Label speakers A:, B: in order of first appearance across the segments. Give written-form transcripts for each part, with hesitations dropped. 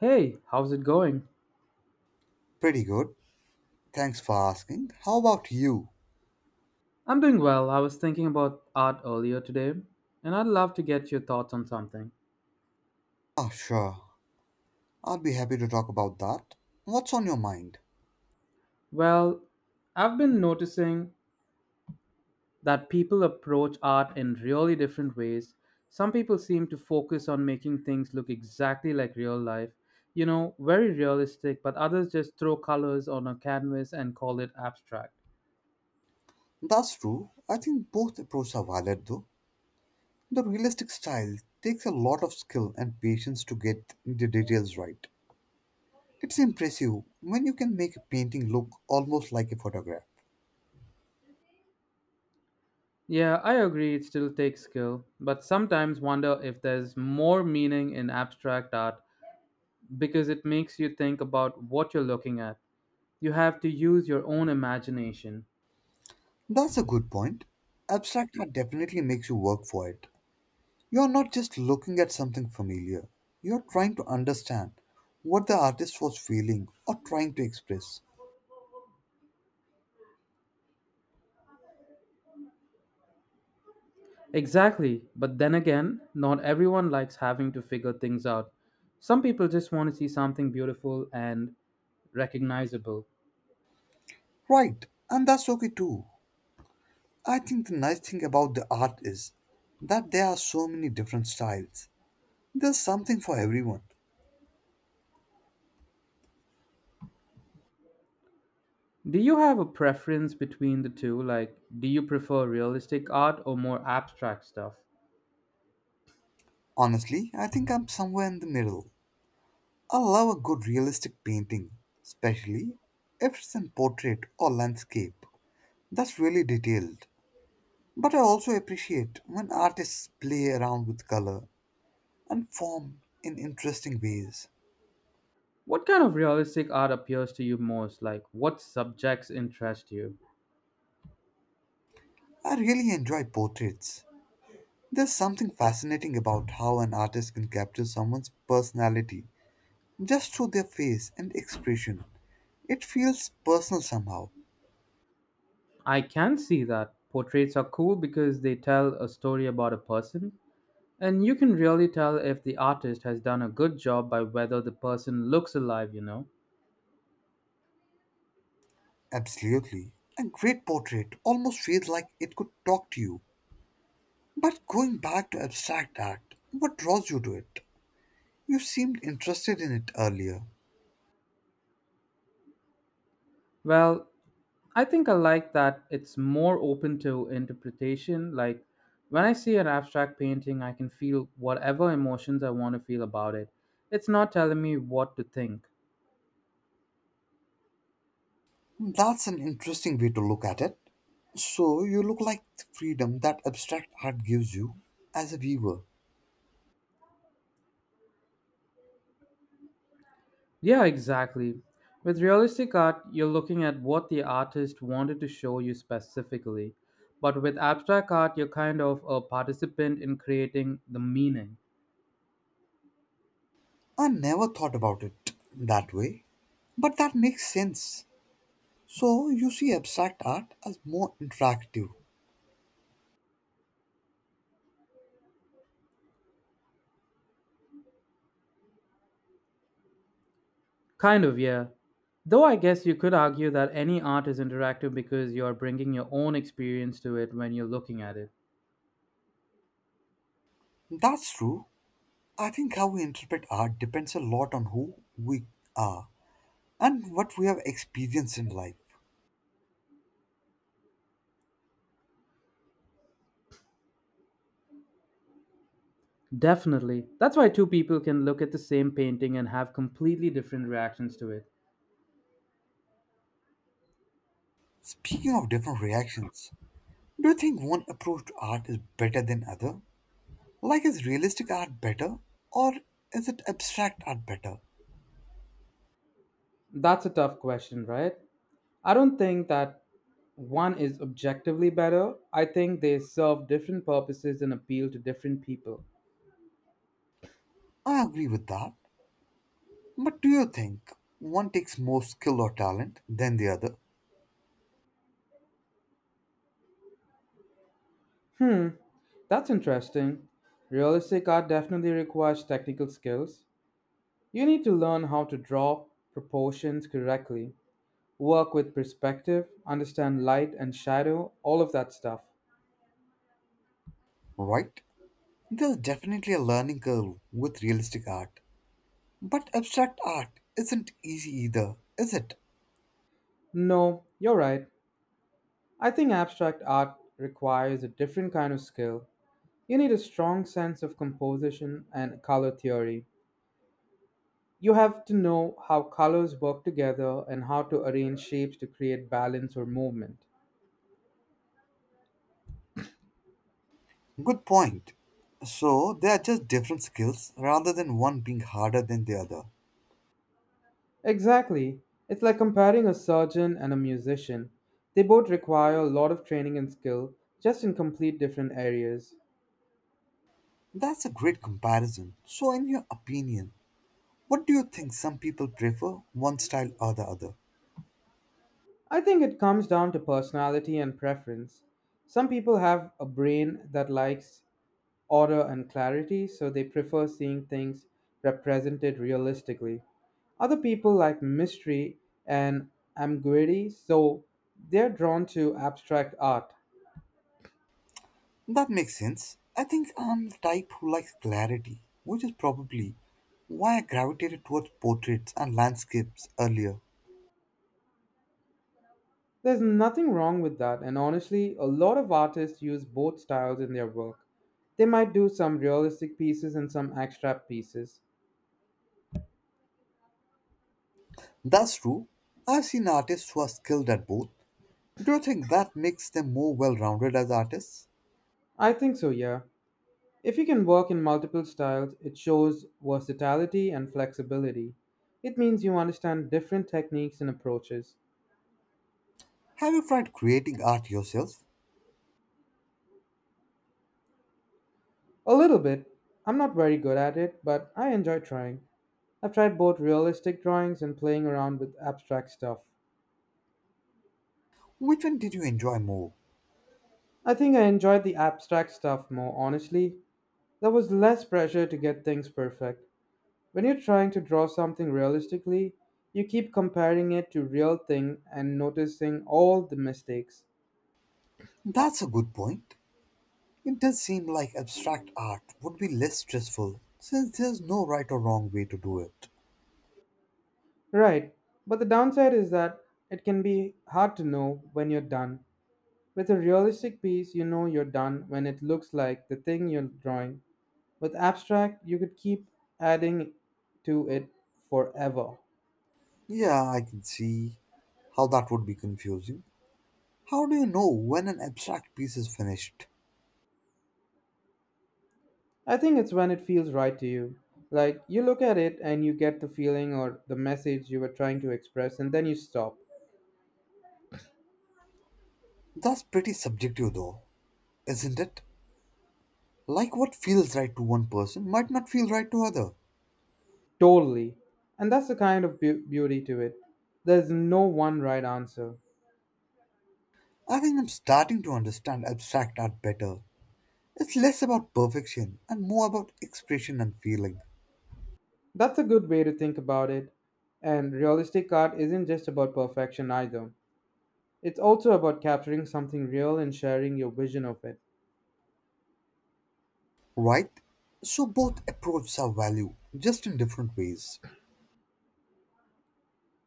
A: Hey, how's it going?
B: Pretty good. Thanks for asking. How about you?
A: I'm doing well. I was thinking about art earlier today, and I'd love to get your thoughts on something.
B: Ah, sure. I'll be happy to talk about that. What's on your mind?
A: Well, I've been noticing that people approach art in really different ways. Some people seem to focus on making things look exactly like real life, you know, very realistic, but others just throw colors on a canvas and call it abstract.
B: That's true. I think both approaches are valid though. The realistic style takes a lot of skill and patience to get the details right. It's impressive when you can make a painting look almost like a photograph.
A: Yeah, I agree it still takes skill, but sometimes wonder if there's more meaning in abstract art because it makes you think about what you're looking at. You have to use your own imagination.
B: That's a good point. Abstract art definitely makes you work for it. You're not just looking at something familiar, you're trying to understand what the artist was feeling or trying to express.
A: Exactly, but then again, not everyone likes having to figure things out. Some people just want to see something beautiful and recognizable.
B: Right, and that's okay too. I think the nice thing about the art is that there are so many different styles. There's something for everyone.
A: Do you have a preference between the two? Like, do you prefer realistic art or more abstract stuff?
B: Honestly, I think I'm somewhere in the middle. I love a good realistic painting, especially if it's a portrait or landscape. That's really detailed. But I also appreciate when artists play around with color and form in interesting ways.
A: What kind of realistic art appeals to you most? Like, what subjects interest you?
B: I really enjoy portraits. There's something fascinating about how an artist can capture someone's personality just through their face and expression. It feels personal somehow.
A: I can see that. Portraits are cool because they tell a story about a person, and you can really tell if the artist has done a good job by whether the person looks alive, you know.
B: Absolutely. A great portrait almost feels like it could talk to you. But going back to abstract art, what draws you to it? You seemed interested in it earlier.
A: Well, I think I like that it's more open to interpretation. Like, when I see an abstract painting, I can feel whatever emotions I want to feel about it. It's not telling me what to think.
B: That's an interesting way to look at it. So you look like the freedom that abstract art gives you as a viewer.
A: Yeah, exactly. With realistic art, you're looking at what the artist wanted to show you specifically. But with abstract art, you're kind of a participant in creating the meaning.
B: I never thought about it that way, but that makes sense. So you see abstract art as more interactive.
A: Kind of, yeah. Though I guess you could argue that any art is interactive because you're bringing your own experience to it when you're looking at it.
B: That's true. I think how we interpret art depends a lot on who we are and what we have experienced in life.
A: Definitely. That's why two people can look at the same painting and have completely different reactions to it.
B: Speaking of different reactions, do you think one approach to art is better than other? Like, is realistic art better or is it abstract art better?
A: That's a tough question, right? I don't think that one is objectively better. I think they serve different purposes and appeal to different people.
B: I agree with that. But do you think one takes more skill or talent than the other?
A: Hmm, that's interesting. Realistic art definitely requires technical skills. You need to learn how to draw proportions correctly, work with perspective, understand light and shadow, all of that stuff.
B: Right? There's definitely a learning curve with realistic art. But abstract art isn't easy either, is it?
A: No, you're right. I think abstract art requires a different kind of skill. You need a strong sense of composition and color theory. You have to know how colors work together and how to arrange shapes to create balance or movement.
B: Good point. So, they are just different skills rather than one being harder than the other.
A: Exactly. It's like comparing a surgeon and a musician. They both require a lot of training and skill, just in complete different areas.
B: That's a great comparison. So, in your opinion, what do you think some people prefer one style or the other?
A: I think it comes down to personality and preference. Some people have a brain that likes order and clarity, so they prefer seeing things represented realistically. Other people like mystery and ambiguity, so they're drawn to abstract art.
B: That makes sense. I think I'm the type who likes clarity, which is probably why I gravitated towards portraits and landscapes earlier.
A: There's nothing wrong with that, and honestly, a lot of artists use both styles in their work. They might do some realistic pieces and some abstract pieces.
B: That's true. I've seen artists who are skilled at both. Do you think that makes them more well rounded as artists?
A: I think so, yeah. If you can work in multiple styles, it shows versatility and flexibility. It means you understand different techniques and approaches.
B: Have you tried creating art yourself?
A: A little bit. I'm not very good at it, but I enjoy trying. I've tried both realistic drawings and playing around with abstract stuff.
B: Which one did you enjoy more?
A: I think I enjoyed the abstract stuff more, honestly. There was less pressure to get things perfect. When you're trying to draw something realistically, you keep comparing it to real thing and noticing all the mistakes.
B: That's a good point. It does seem like abstract art would be less stressful since there's no right or wrong way to do it.
A: Right, but the downside is that it can be hard to know when you're done. With a realistic piece, you know you're done when it looks like the thing you're drawing. With abstract, you could keep adding to it forever.
B: Yeah, I can see how that would be confusing. How do you know when an abstract piece is finished?
A: I think it's when it feels right to you. Like you look at it and you get the feeling or the message you were trying to express, and then you stop.
B: That's pretty subjective though, isn't it? Like what feels right to one person might not feel right to other.
A: Totally. And that's the kind of beauty to it. There's no one right answer.
B: I think I'm starting to understand abstract art better. It's less about perfection and more about expression and feeling,
A: That's a good way to think about it. And realistic art isn't just about perfection either. It's also about capturing something real and sharing your vision of it.
B: right? So both approaches have value, just in different ways.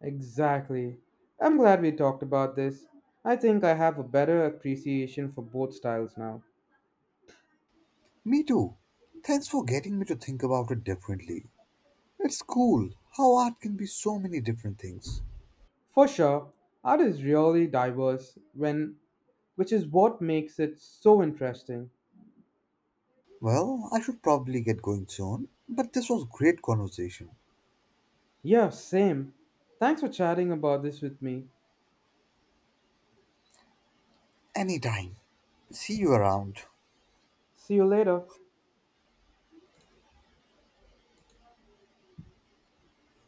A: Exactly. I'm glad we talked about this. I think I have a better appreciation for both styles now.
B: Me too. Thanks for getting me to think about it differently. It's cool how art can be so many different things.
A: For sure, art is really diverse when which is what makes it so interesting.
B: Well, I should probably get going soon, but this was great conversation.
A: Yeah, same. Thanks for chatting about this with me.
B: Anytime. See you around.
A: See you later.